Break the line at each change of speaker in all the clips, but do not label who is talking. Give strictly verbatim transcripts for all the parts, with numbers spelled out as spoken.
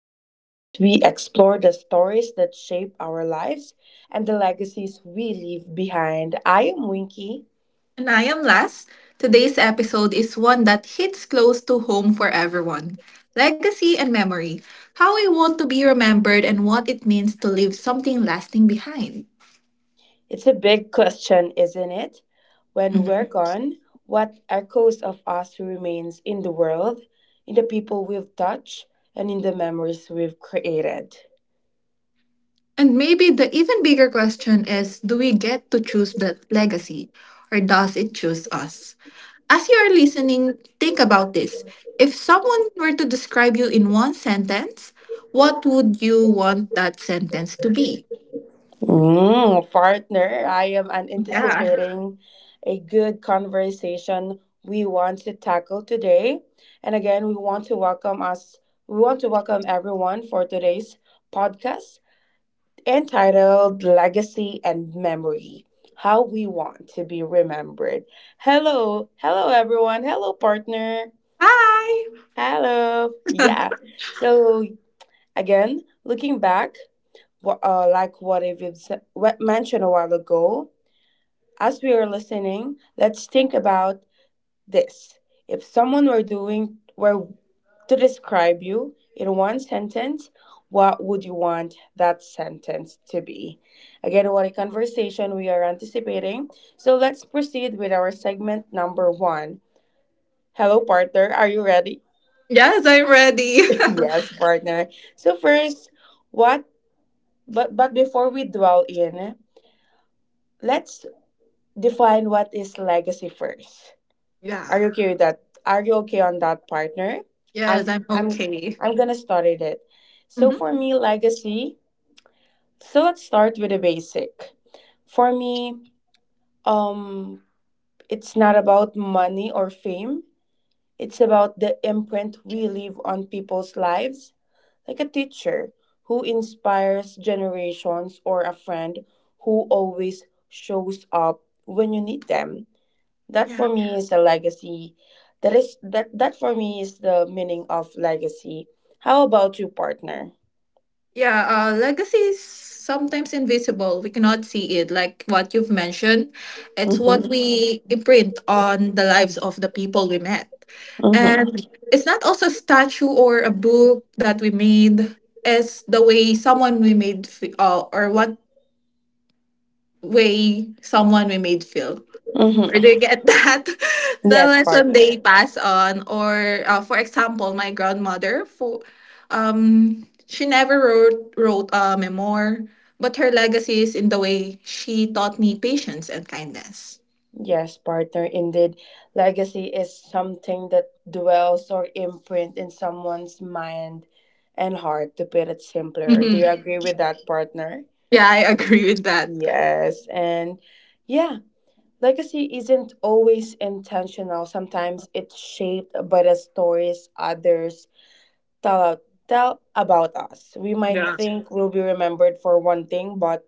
the podcast we explore the stories that shape our lives and the legacies we leave behind. I am Winky.
And I am Las. Today's episode is one that hits close to home for everyone, legacy and memory. How we want to be remembered and what it means to leave something lasting behind.
It's a big question, isn't it? When
Mhm.
we're gone, what echoes of us remains in the world, in the people we've touched, and in the memories we've created?
And maybe the even bigger question is, do we get to choose that legacy, or does it choose us? As you are listening, think about this. If someone were to describe you in one sentence, what would you want that sentence to be?
Mm, partner, I am an-
Yeah.
anticipating a good conversation we want to tackle today. And again, we want to welcome us, we want to welcome everyone for today's podcast entitled Legacy and Memory, How We Want to Be Remembered. Hello, hello, everyone. Hello, partner.
Hi.
Hello. Yeah. So, again, looking back, wh- uh, like what if you mentioned a while ago, as we are listening, let's think about this. If someone were doing were to describe you in one sentence, what would you want that sentence to be? Again, what a conversation we are anticipating. So let's proceed with our segment number one. Hello, partner. Are you ready?
Yes, I'm ready.
Yes, partner. So first, what? But but before we dwell in, let's define what is legacy first.
yeah.
Are you okay with that? Are you okay on that, partner?
Yes,
I'm
I'm
I'm
okay.
I'm gonna start it. So
hmm
for me, legacy. So let's start with the basic. For me, um, it's not about money or fame. It's about the imprint we leave on people's lives, like a teacher who inspires generations or a friend who always shows up when you need them. That
Yeah.
for me is the legacy. That is that that for me is the meaning of legacy. How about you, partner?
Yeah. Uh, legacy is sometimes invisible. We cannot see it. Like what you've mentioned, it's what
Mm-hmm.
we imprint on the lives of the people we met. And
Mm-hmm.
it's not also a statue or a book that we made, it's the way someone we made, fe- uh, or what way someone we made feel. Or
Mm-hmm.
they get that, the
Yes,
lesson they
partner.
pass on, or uh, for example, my grandmother. For um She never wrote wrote a memoir, but her legacy is in the way she taught me patience and kindness.
Yes, partner. Indeed, legacy is something that dwells or imprint in someone's mind and heart. To put it simpler, do you
Mhm.
agree with that, partner?
Yeah, I agree with that.
Yes, and yeah, legacy isn't always intentional. Sometimes it's shaped by the stories others tell, out- tell about us. We might think we'll be remembered for one thing, but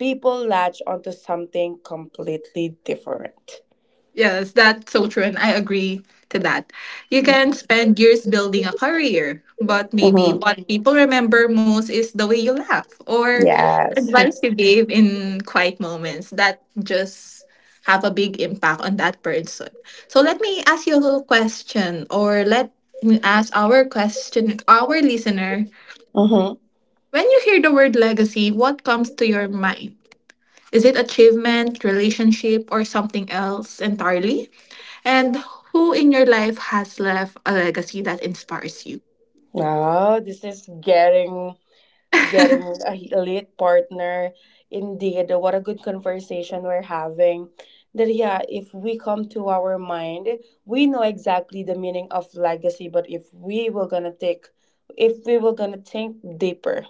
people latch onto something completely different.
Yes, that's so true, and I agree to that. You can spend years building a career, but maybe
Mm-hmm.
what people remember most is the way you laugh, or
Yes.
advice you gave in quiet moments that just have a big impact on that person. So let me ask you a question, or let me ask our question, our listener.
Mm-hmm.
When you hear the word legacy, what comes to your mind? Is it achievement, relationship, or something else entirely? And who in your life has left a legacy that inspires you?
Oh, this is getting getting a elite partner. Indeed, what a good conversation we're having. That yeah, if we come to our mind, we know exactly the meaning of legacy. But if we were gonna take, if we were gonna think deeper,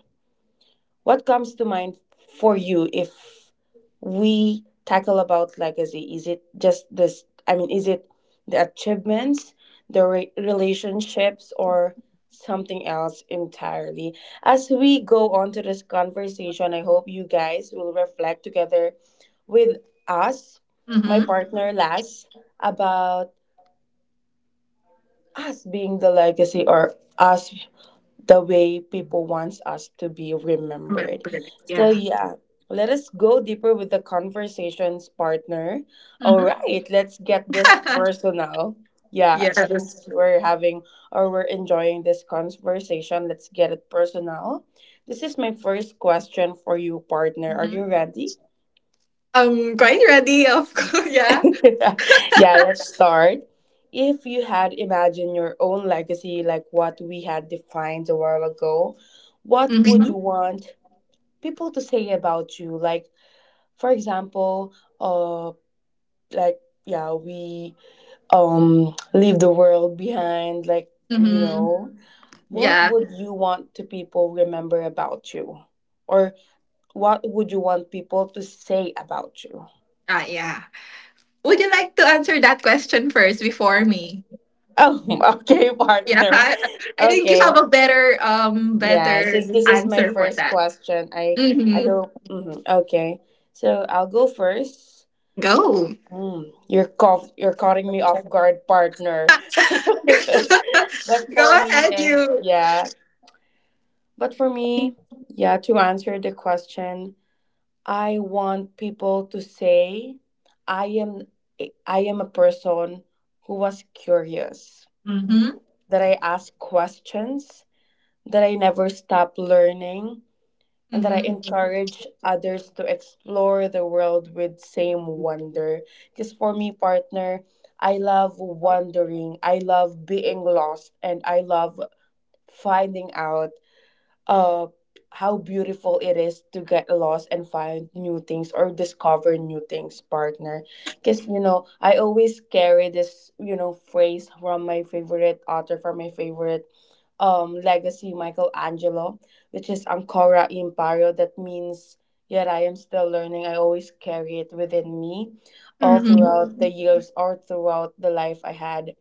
what comes to mind for you if we tackle about legacy? Is it just this? I mean, is it the achievements, the re- relationships, or something else entirely? As we go on to this conversation, I hope you guys will reflect together with us, my
Mm-hmm.
partner Las, about us being the legacy or us the way people wants us to be remembered. So yeah, let us go deeper with the conversations, partner. All right, let's get this
Mm-hmm.
personal. Yeah,
Yes.
since we're having or we're enjoying this conversation, let's get it personal. This is my first question for you, partner. Are you
Mm-hmm.
ready?
I'm quite ready, of course. Yeah.
Yeah, let's start. If you had imagined your own legacy like what we had defined a while ago, what would
Mm-hmm.
you want people to say about you. Like, for example, uh, like yeah, we um leave the world behind. Like, you
Mm-hmm.
know, what
Yeah.
would you want to people remember about you, or what would you want people to say about you?
Uh, yeah. Would you like to answer that question first before me?
Oh, okay,
Yeah,
partner.
I, I think you
Okay,
have a better um
yeah.
better
Since this is my
answer for
first
that.
question, I I
Mm-hmm.
hope. Mhm, okay, so I'll go first.
Go.
Mm, you're caught, you're cutting me off guard, partner.
Go
But for me,
ahead,
if
you.
yeah, but for me, yeah, to answer the question, I want people to say, I am, I am a person who was curious,
Mm-hmm.
that I ask questions, that I never stop learning, and that I
Mm-hmm.
encourage others to explore the world with same wonder. Because for me, partner, I love wandering, I love being lost, and I love finding out uh how beautiful it is to get lost and find new things or discover new things, partner. Because you know, I always carry this, you know, phrase from my favorite author, from my favorite um, legacy Michelangelo, which is Ancora Imperio. That means, yet I am still learning. I always carry it within me all
Mm-hmm.
throughout the years or throughout the life I had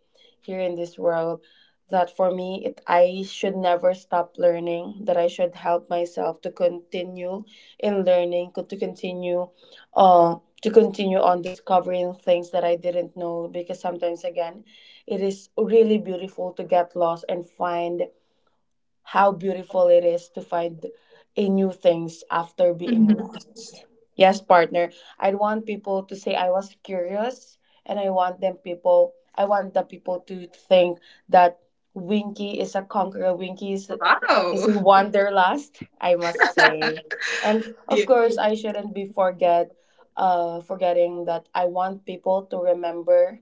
here in this world. That for me, it, I should never stop learning, that I should help myself to continue in learning, co- to continue uh, to continue on discovering things that I didn't know, because sometimes again it is really beautiful to get lost and find how beautiful it is to find a new things after being
Mhm.
lost. Yes, partner. I want people to say I was curious, and I want them people I want the people to think that Winky is a conqueror, Winky is is a
Wow.
wanderlust, I must say. And
Yeah.
of course I shouldn't be forget uh forgetting that I want people to remember,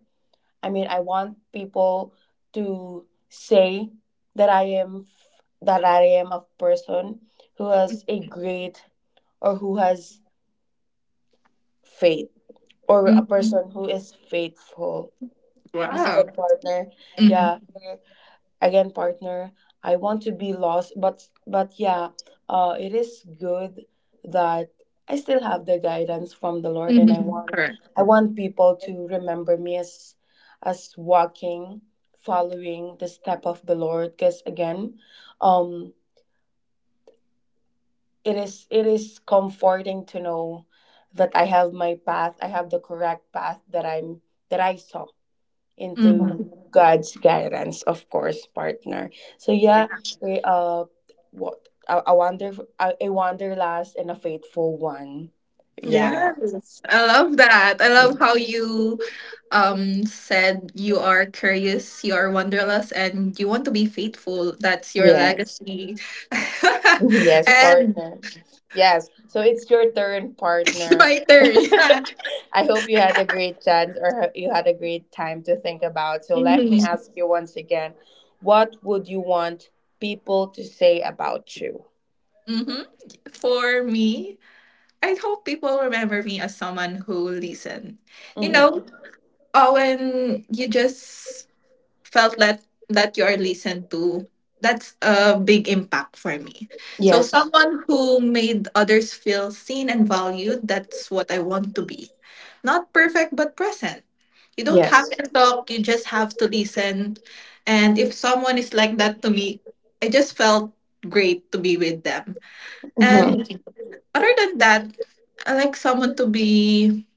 I mean, I want people to say that I am f- that I am a person who has a great or who has faith, or a
Mhm.
person who is faithful is a
Wow.
good partner.
Mhm.
Yeah, again partner, I want to be lost, but but yeah, uh it is good that I still have the guidance from the Lord, and I
Mhm.
want
Correct.
I want people to remember me as as walking following the step of the Lord, because again, um it is it is comforting to know that I have my path, I have the correct path that I'm that I saw into
Mhm.
God's guidance, of course, partner. So
Yeah.
yeah, we uh what a, a wonderful a, a wanderlust and a faithful one. Yeah.
Yes. I love that. I love how you um said you are curious, you are wanderlust, and you want to be faithful. That's your
Yes.
legacy.
Yes,
And
partner. Yes. So it's your turn,
it's
partner.
my turn.
I hope you had a great chance or ho- you had a great time to think about. So let me
Mhm.
ask you once again, what would you want people to say about you?
Mhm. For me, I hope people remember me as someone who listen. You
Mm-hmm.
know, oh, when you just felt that that you are listened to, that's a big impact for me. So
Yes.
someone who made others feel seen and valued, that's what I want to be. Not perfect but present. You don't have
Yes.
to talk, you just have to listen. And if someone is like that to me, I just felt great to be with them. And
Hmm.
other than that, I like someone to be,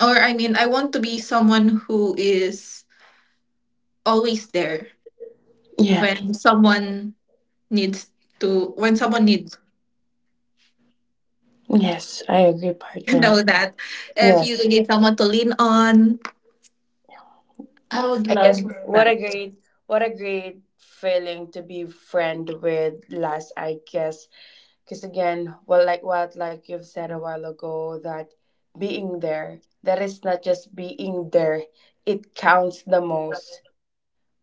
or I mean, I want to be someone who is always there
Yeah.
when someone needs to, when someone needs,
Yes, I agree,
you
partner.
know that if you
Yes.
need someone to lean on, I would
I guess
love
what a
that.
great what a great feeling to be friend with last I guess. Cause again, well like what like you've said a while ago that being there, that is not just being there. It counts the most.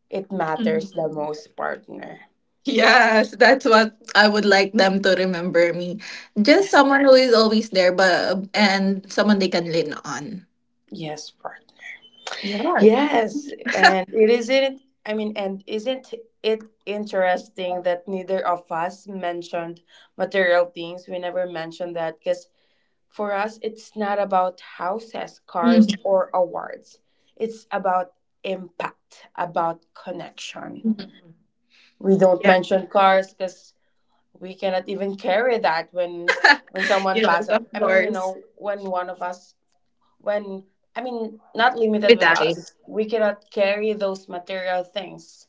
It matters
Mm.
the most, partner.
Yes, that's what I would like them to remember me, just
Yes.
someone who is always there, but and someone they can lean on.
Yes, partner.
Yeah.
Yes, and it isn't. I mean, and isn't it interesting that neither of us mentioned material things? We never mentioned that because for us, it's not about houses,
Mm.
cars, or awards. It's about impact, about connection.
Mm.
We don't
Yeah.
mention cars because we cannot even carry that when when someone
Yes,
passes.
of
I mean, you know,
course.
when one of us when I mean not limited
With
with
eyes.
us. We cannot carry those material things.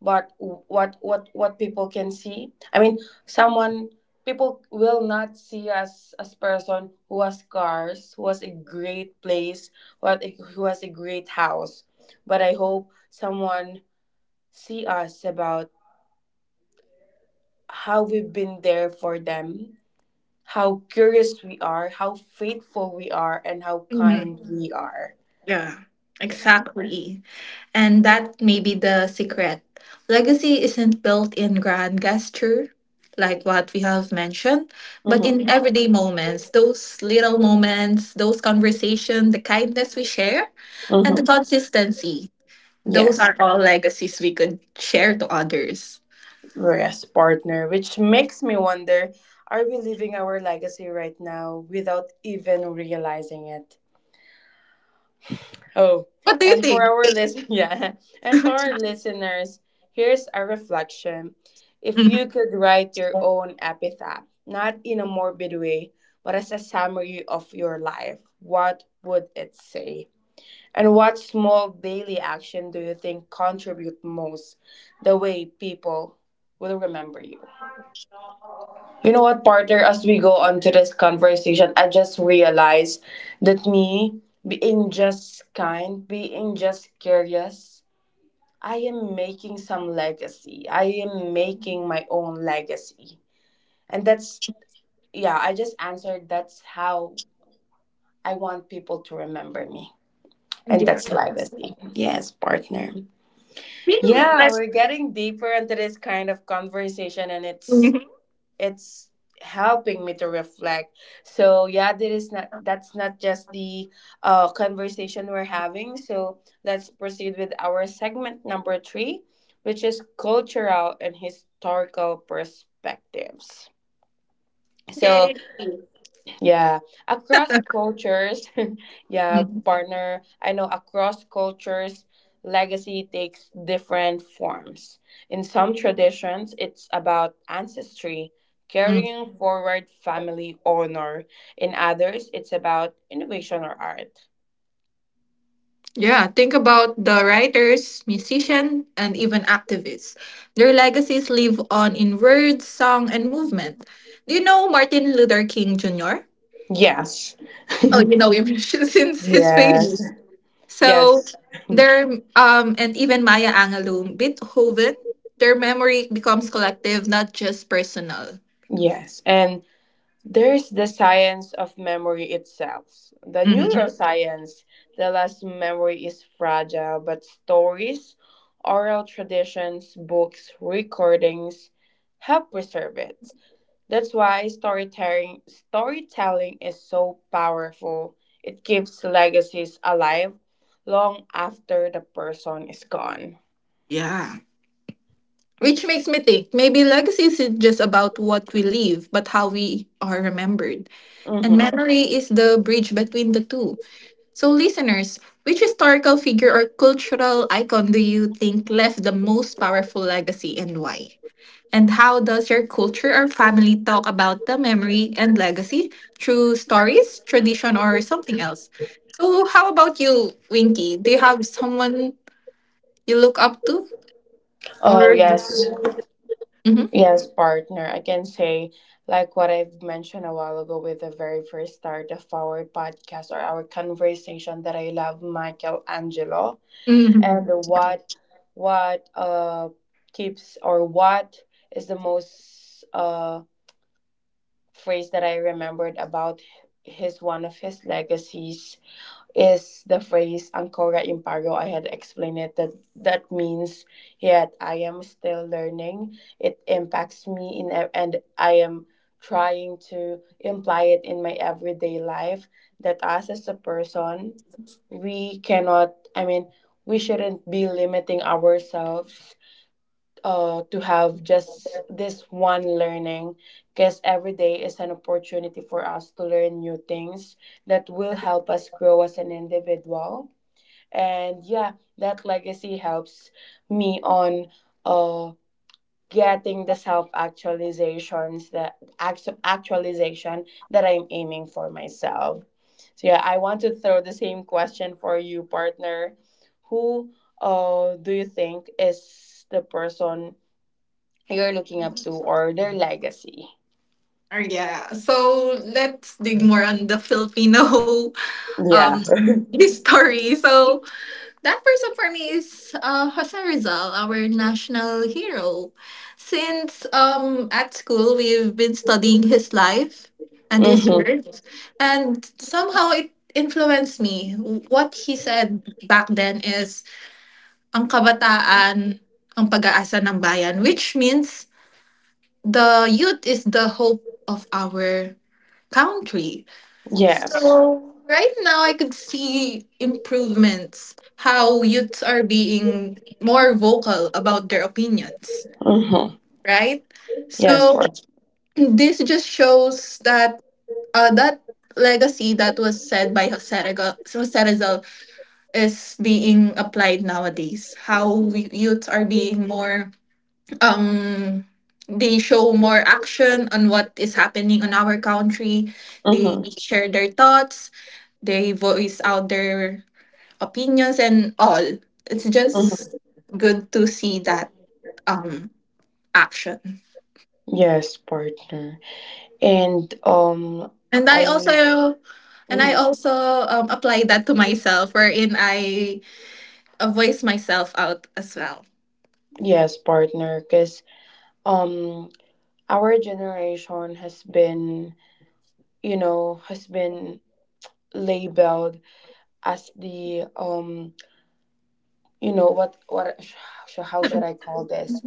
But what what what people can see? I mean, someone people will not see us as person who has cars, who has a great place, what who has a great house. But I hope someone see us about how we've been there for them, how curious we are, how faithful we are, and how
Mhm.
kind we are.
Yeah,
Yeah.
exactly. And that may be the secret. Legacy isn't built in grand gesture, like what we have mentioned, but in,
Mm-hmm.
yeah, everyday moments, those little moments, those conversations, the kindness we share, and the
Mm-hmm.
consistency. Those
Yes,
are all legacies we could share to others.
yes, partner, which makes me wonder, are we leaving our legacy right now without even realizing it? Oh,
What do you
and for
think?
our listen yeah, and for our listeners, here's a reflection. If you could write your own epitaph, not in a morbid way, but as a summary of your life, what would it say? And what small daily action do you think contribute most the way people will remember you? You know what, partner, as we go on to this conversation, I just realized that me being just kind, being just curious, I am making some legacy. I am making my own legacy. And that's, yeah, I just answered that's how I want people to remember me. And that's legacy. Yes, partner. Yeah, we're getting deeper into this kind of conversation, and it's
Mhm.
it's helping me to reflect, so yeah that is not that's not just the uh, conversation we're having, so let's proceed with our segment number three, which is cultural and historical perspectives. So
Really? Mhm. Yay.
yeah, across cultures, yeah, partner. I know across cultures, legacy takes different forms. In some traditions, it's about ancestry,
Mhm.
carrying forward family honor. In others, it's about innovation or art.
Yeah, think about the writers, musicians, and even activists. Their legacies live on in words, song, and movement. Do you know Martin Luther King Junior?
Yes.
Oh, you know him, since his
Yes.
famous. So
Yes.
their um and even Maya Angelou, Beethoven, their memory becomes collective, not just personal.
Yes. And there is the science of memory itself. The
Mhm.
neuroscience tells us memory is fragile, but stories, oral traditions, books, recordings help preserve it. That's why storytelling, storytelling is so powerful. It keeps legacies alive long after the person is gone.
Yeah. Which makes me think, maybe legacy isn't just about what we leave, but how we are remembered. And
Hmm.
memory is the bridge between the two. So, listeners, which historical figure or cultural icon do you think left the most powerful legacy, and why? And how does your culture or family talk about the memory and legacy through stories, tradition, or something else? So, how about you, Winky? Do you have someone you look up to?
Oh,
Or,
yes.
Mhm.
Yes, partner. I can say, like what I've mentioned a while ago with the very first start of our podcast or our conversation, that I love Michelangelo, and
Mhm.
what what uh keeps or what is the most uh phrase that I remembered about his one of his legacies is the phrase Ancora Imparo. I had explained it that that means yet I am still learning. It impacts me in ev- and I am trying to imply it in my everyday life that us as a person we cannot I mean we shouldn't be limiting ourselves uh, to have just this one learning because every day is an opportunity for us to learn new things that will help us grow as an individual. And yeah, that legacy helps me on uh, getting the self actualizations that actu- actualization that I'm aiming for myself. So yeah, I want to throw the same question for you, partner. Who uh, do you think is the person you're looking up to or their legacy?
Or yeah. So let's dig more on the Filipino um
Yeah.
history. So that person for me is uh, Jose Rizal, our national hero. Since um, at school, we've been studying his life and his
Mm-hmm.
words, and somehow it influenced me. What he said back then is, ang kabataan, ang pag-aasa ng bayan, which means the youth is the hope of our country.
Yes.
So right now, I could see improvements. How youths are being more vocal about their opinions,
Mm-hmm.
right?
Yes,
So
partner.
this just shows that uh, that legacy that was said by Jose Rego- Jose Rizal is being applied nowadays. How we, youths, are being more um they show more action on what is happening on our country. They
Mm-hmm.
share their thoughts, they voice out their opinions and all. It's just
Mm-hmm.
good to see that um action.
Yes, partner. And um,
And I
I.
also, and I
Mhm.
also um, apply that to myself, wherein I, uh, voice myself out as well.
Yes, partner. Cause um, our generation has been, you know, has been labeled as the um, you know, what what sh- how should I call this?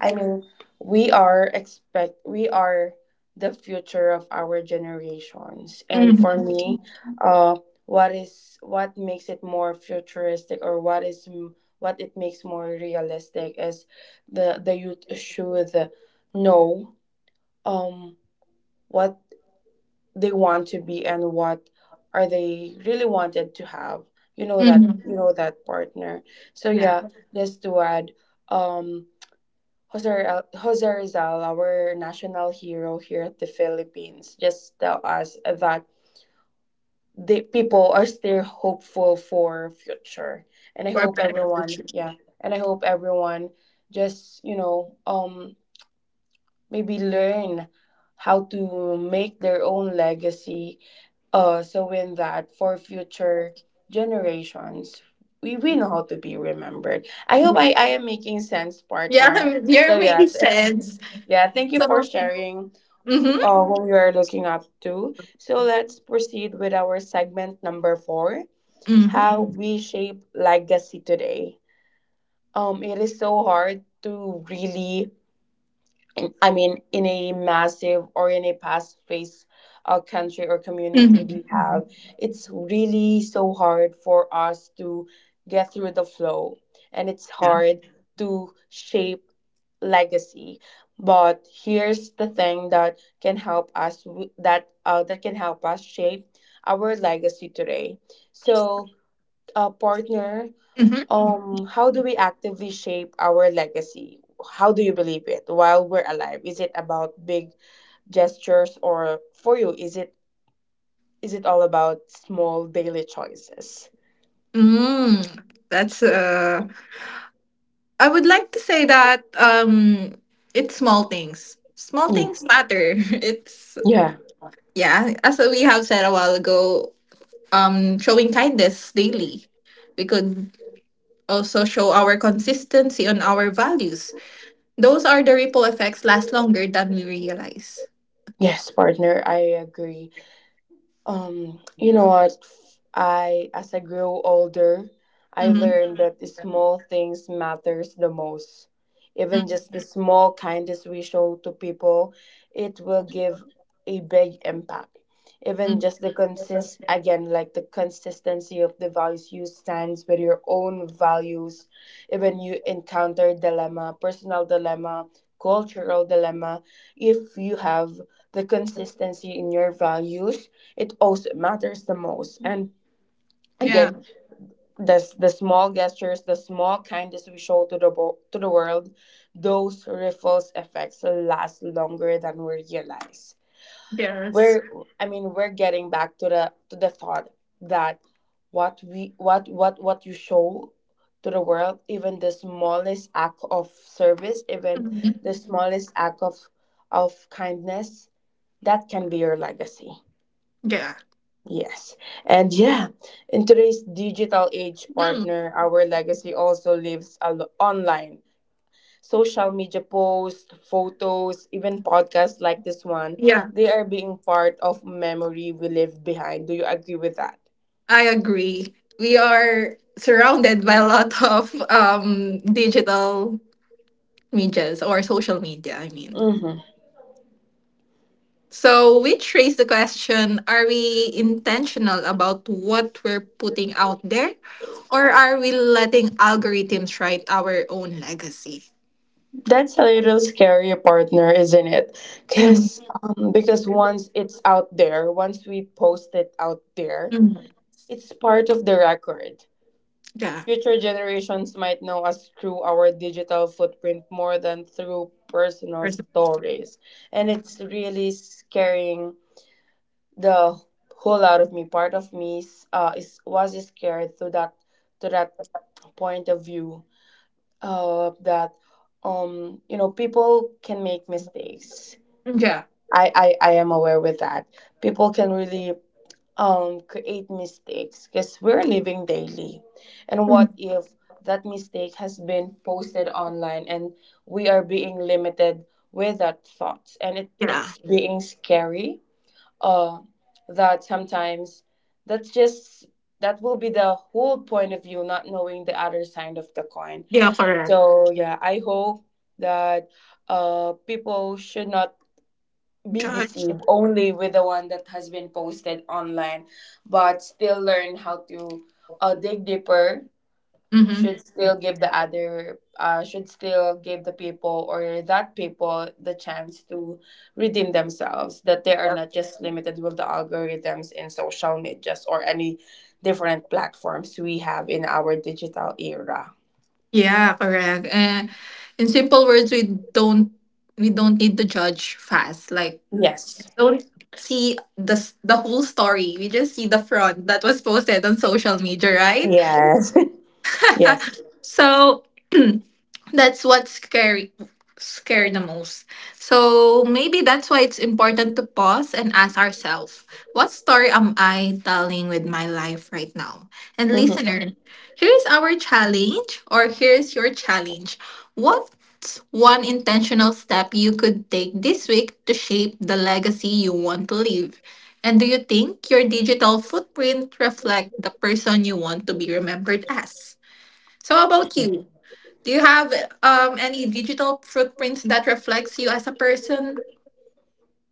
I mean, we are expect we are the future of our generations, and for
Hmm.
me, uh, what is what makes it more futuristic, or what is m- what it makes more realistic is the the youth should know um what they want to be and what are they really wanted to have. You know that
Hmm.
you know that partner. So
Yeah,
yeah, just to add, um Jose, Rizal- Jose Rizal, our national hero here at the Philippines, just tell us that the people are still hopeful for future. And I
for a
hope
better
everyone,
future.
yeah, and I hope everyone just, you know, um maybe learn how to make their own legacy uh so in that for future generations we, we know how to be remembered. I hope
Yeah,
i, I am making sense,
yeah,
partner. So
you're
yeah.
making sense.
Yeah, thank you for
So,
sharing
mm-hmm,
uh, whom you are looking up to. So let's proceed with our segment number four,
mm-hmm,
how we shape legacy today. Um, it is so hard to really, I mean, in a massive or in a past phase uh, country or community
mm-hmm.
we have, it's really so hard for us to get through the flow, and it's
Yeah.
hard to shape legacy. But here's the thing that can help us w- that uh, that can help us shape our legacy today. So, uh, partner,
Mm-hmm.
um, how do we actively shape our legacy? How do you believe it while we're alive? Is it about big gestures, or for you, is it is it all about small daily choices?
Mm, that's uh I would like to say that um, it's small things. Small
Yeah.
things matter. It's,
Yeah.
yeah, as we have said a while ago, um, showing kindness daily. We could also show our consistency on our values. Those are the ripple effects last longer than we realize.
Yes, partner, I agree. Um, you know what? I, as I grew older, I
Mm-hmm.
learned that the small things matters the most. Even just the small kindness we show to people, it will give a big impact. Even just
Mm-hmm.
the consist again, like the consistency of the values you stands with your own values. Even you encounter dilemma, personal dilemma, cultural dilemma, if you have the consistency in your values, it also matters the most. And
Yeah.
again, this, the small gestures, the small kindness we show to the wo- to the world, those ripples effects last longer than we realize.
Yes.
We're, I mean, we're getting back to the to the thought that what we what what what you show to the world, even the smallest act of service, even
Hmm.
the smallest act of of kindness, that can be your legacy.
Yeah.
Yes. And yeah, in today's digital age,
Mm.
partner, our legacy also lives al- online. Social media posts, photos, even podcasts like this one,
Yeah.
they are being part of memory we leave behind. Do you agree with that?
I agree. We are surrounded by a lot of um, digital medias, or social media, I mean.
Mm-hmm.
So, which raised the question, are we intentional about what we're putting out there, or are we letting algorithms write our own legacy?
That's a little scary, partner, isn't it?
Mhm.
Cause um, because once it's out there, once we post it out there,
Mhm.
it's part of the record.
Yeah.
Future generations might know us through our digital footprint more than through personal
First of all.
stories. And it's
Mhm.
really scaring the whole out of me. Part of me is, uh, is was scared to that to that point of view uh, that um you know people can make mistakes.
Yeah.
I, I I am aware with that. People can really um, create mistakes because we're living daily. And
Mhm.
what if that mistake has been posted online and we are being limited with that thought? And it,
Yeah.
it's being scary uh, that sometimes that's just that will be the whole point of view, not knowing the other side of the coin.
Yeah, correct.
So, yeah, I hope that uh, people should not be
Judge.
deceived only with the one that has been posted online, but still learn how to uh, dig deeper,
Mm-hmm.
should still give the other uh, should still give the people or that people the chance to redeem themselves, that they are not just limited with the algorithms in social medias or any different platforms we have in our digital era.
Yeah, correct. Uh, in simple words, we don't, we don't need to judge fast. Like,
Yes.
see the s- the whole story. We just see the front that was posted on social media, right?
Yes. Yes.
So that's what's scary, scary the most. So maybe that's why it's important to pause and ask ourselves, what story am I telling with my life right now? And
Mm-hmm.
listener, here's our challenge, or here's your challenge. What's one intentional step you could take this week to shape the legacy you want to leave? And do you think your digital footprint reflect the person you want to be remembered as? So how about you? Do you have um any digital footprints that reflects you as a person?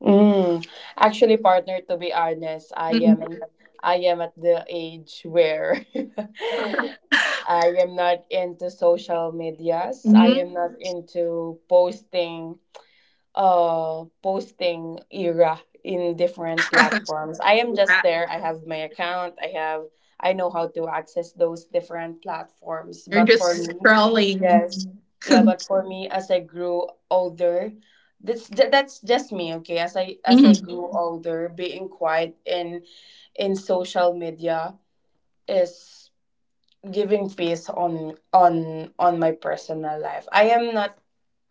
Mm. Actually, partner, to be honest, I am
Mhm.
I am at the age where I am not into social medias. I
Mhm.
am not into posting uh posting era in different platforms. I am just
Yeah.
there. I have my account. I have I know how to access those different platforms.
You're
But for
just
me,
scrolling.
yes. Yeah, but for me, as I grew older, that's th- that's just me, okay? As I as I
Mhm.
grew older, being quiet in in social media is giving peace on on on my personal life. I am not,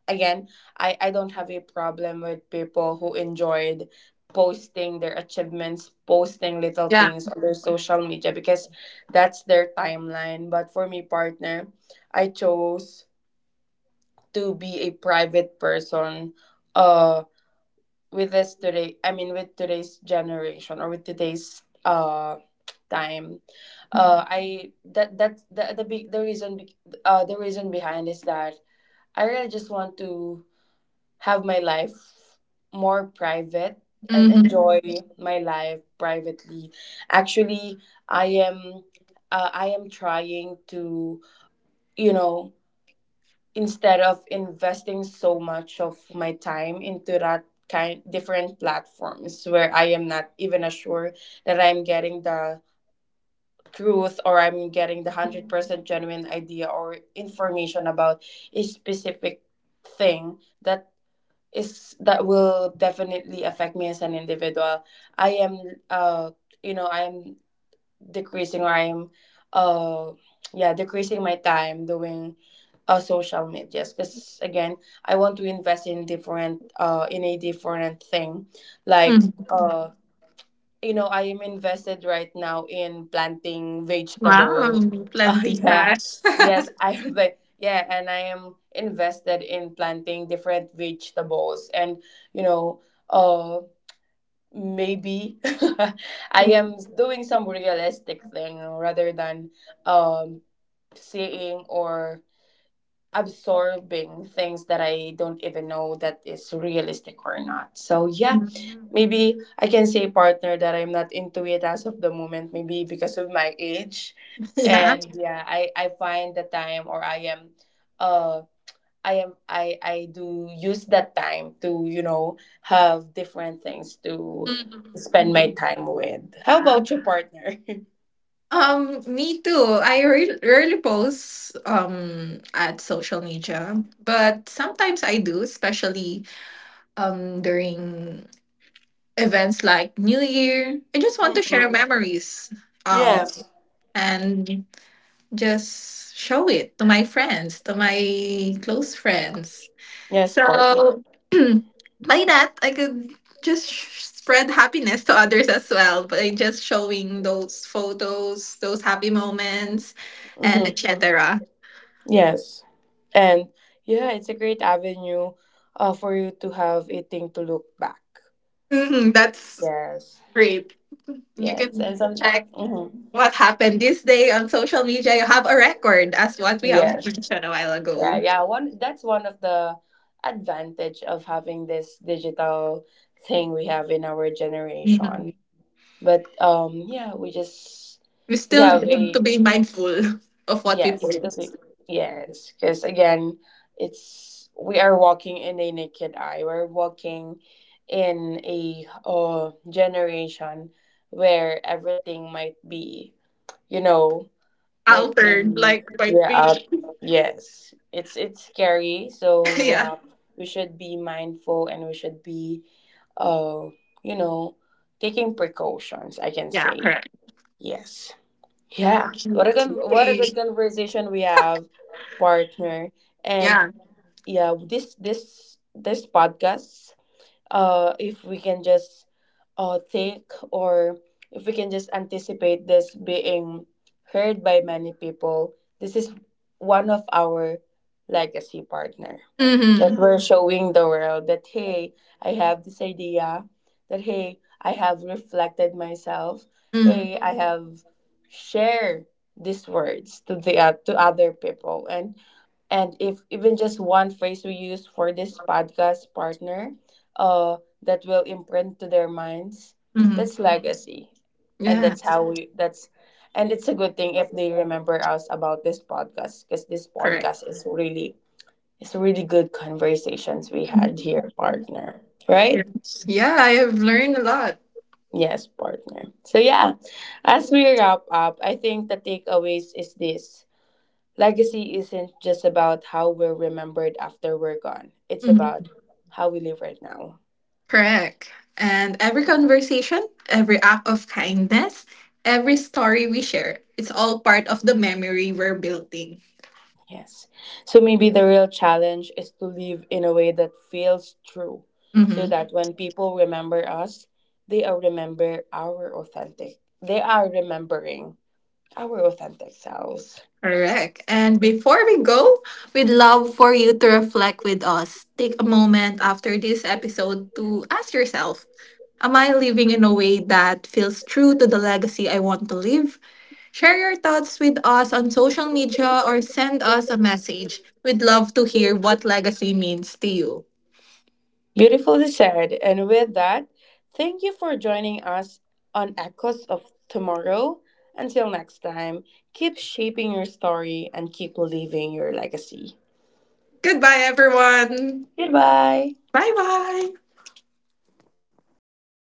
again, I, I don't have a problem with people who enjoyed posting their achievements, posting little
Yeah.
things on their social media because that's their timeline. But for me, partner, I chose to be a private person uh with this today, I mean, with today's generation or with today's uh time. Uh I that that's the the big the reason be, uh the reason behind is that I really just want to have my life more private and enjoy
Mhm.
my life privately. Actually, I am uh, I am trying to, you know, instead of investing so much of my time into that kind different platforms where I am not even assured that I'm getting the truth or I'm getting the one hundred percent genuine idea or information about a specific thing that is that will definitely affect me as an individual. I am uh you know I am decreasing or I am uh yeah decreasing my time doing uh social medias because again I want to invest in different uh in a different thing like
Mhm.
uh you know, I am invested right now in planting
Wow,
vegetable. Uh,
plenty
yeah.
cash.
Yes, I am like yeah, and I am invested in planting different vegetables and you know, uh maybe I am doing some realistic thing rather than um seeing or absorbing things that I don't even know that is realistic or not. So yeah.
Mhm.
Maybe I can say, partner, that I'm not into it as of the moment, maybe because of my age.
Yeah.
And yeah, I, I find the time or I am uh I am I I do use that time to, you know, have different things to
Mhm.
spend my
Yeah.
time with. How about your partner?
Um, me too. I re- rarely post um at social media, but sometimes I do, especially um during events like New Year. I just want to share
Hmm.
memories, um,
Yes.
and just show it to my friends, to my close friends.
Yes, partner.
So by that, I could just sh- spread happiness to others as well by just showing those photos, those happy moments, and
Hmm.
et cetera.
Yes. And yeah, it's a great avenue uh, for you to have a thing to look back.
Mhm, that's
Yes.
great. You
Yes,
can
and some
check
mhm,
what happened this day on social media. You have a record as what we have
yes,
mentioned a while
yeah,
ago.
yeah. One, that's one of the advantage of having this digital thing we have in our generation.
Mhm.
But um, yeah, we just
We
we
still
have
need to
a
be mindful of what we
yes, the
post.
big- yes, because again, it's we are walking in a naked eye. We're walking in a uh, generation where everything might be, you know, might be
Altered, like might
yeah
be.
uh, yes, it's it's scary. So
Yeah.
yeah, we should be mindful and we should be uh you know taking precautions, I can
Yeah,
say.
correct.
Yes. Yeah, what a good, what a
Okay.
good conversation we have, partner. And
Yeah.
yeah, this this this podcast uh if we can just uh, take or if we can just anticipate this being heard by many people, this is one of our legacy, partner,
Mm-hmm.
that we're showing the world that hey, I have this idea, that hey, I have reflected myself,
Mm.
hey, I have shared these words to the uh, to other people, and and if even just one phrase we use for this podcast, partner, uh that will imprint to their minds,
Mm.
that's legacy. And that's
Yes,
how we that's And it's a good thing if they remember us about this podcast, because this
correct.
podcast is really, it's really good conversations we had
Mhm.
here, partner, right?
Yes. Yeah, I have learned a lot.
Yes, partner. So yeah, as we wrap up, I think the takeaways is this. Legacy isn't just about how we're remembered after we're gone, it's
Mhm.
about how we live right now.
Correct. And every conversation, every act of kindness, every story we share, it's all part of the memory we're building.
Yes. So maybe the real challenge is to live in a way that feels true, so
Mm-hmm.
that when people remember us, they are remember our authentic. they are remembering our authentic selves.
Correct. And before we go, we'd love for you to reflect with us. Take a moment after this episode to ask yourself, am I living in a way that feels true to the legacy I want to leave? Share your thoughts with us on social media or send us a message. We'd love to hear what legacy means to you.
Beautifully said. And with that, thank you for joining us on Echoes of Tomorrow. Until next time, keep shaping your story and keep leaving your legacy.
Goodbye, everyone.
Goodbye.
Bye bye.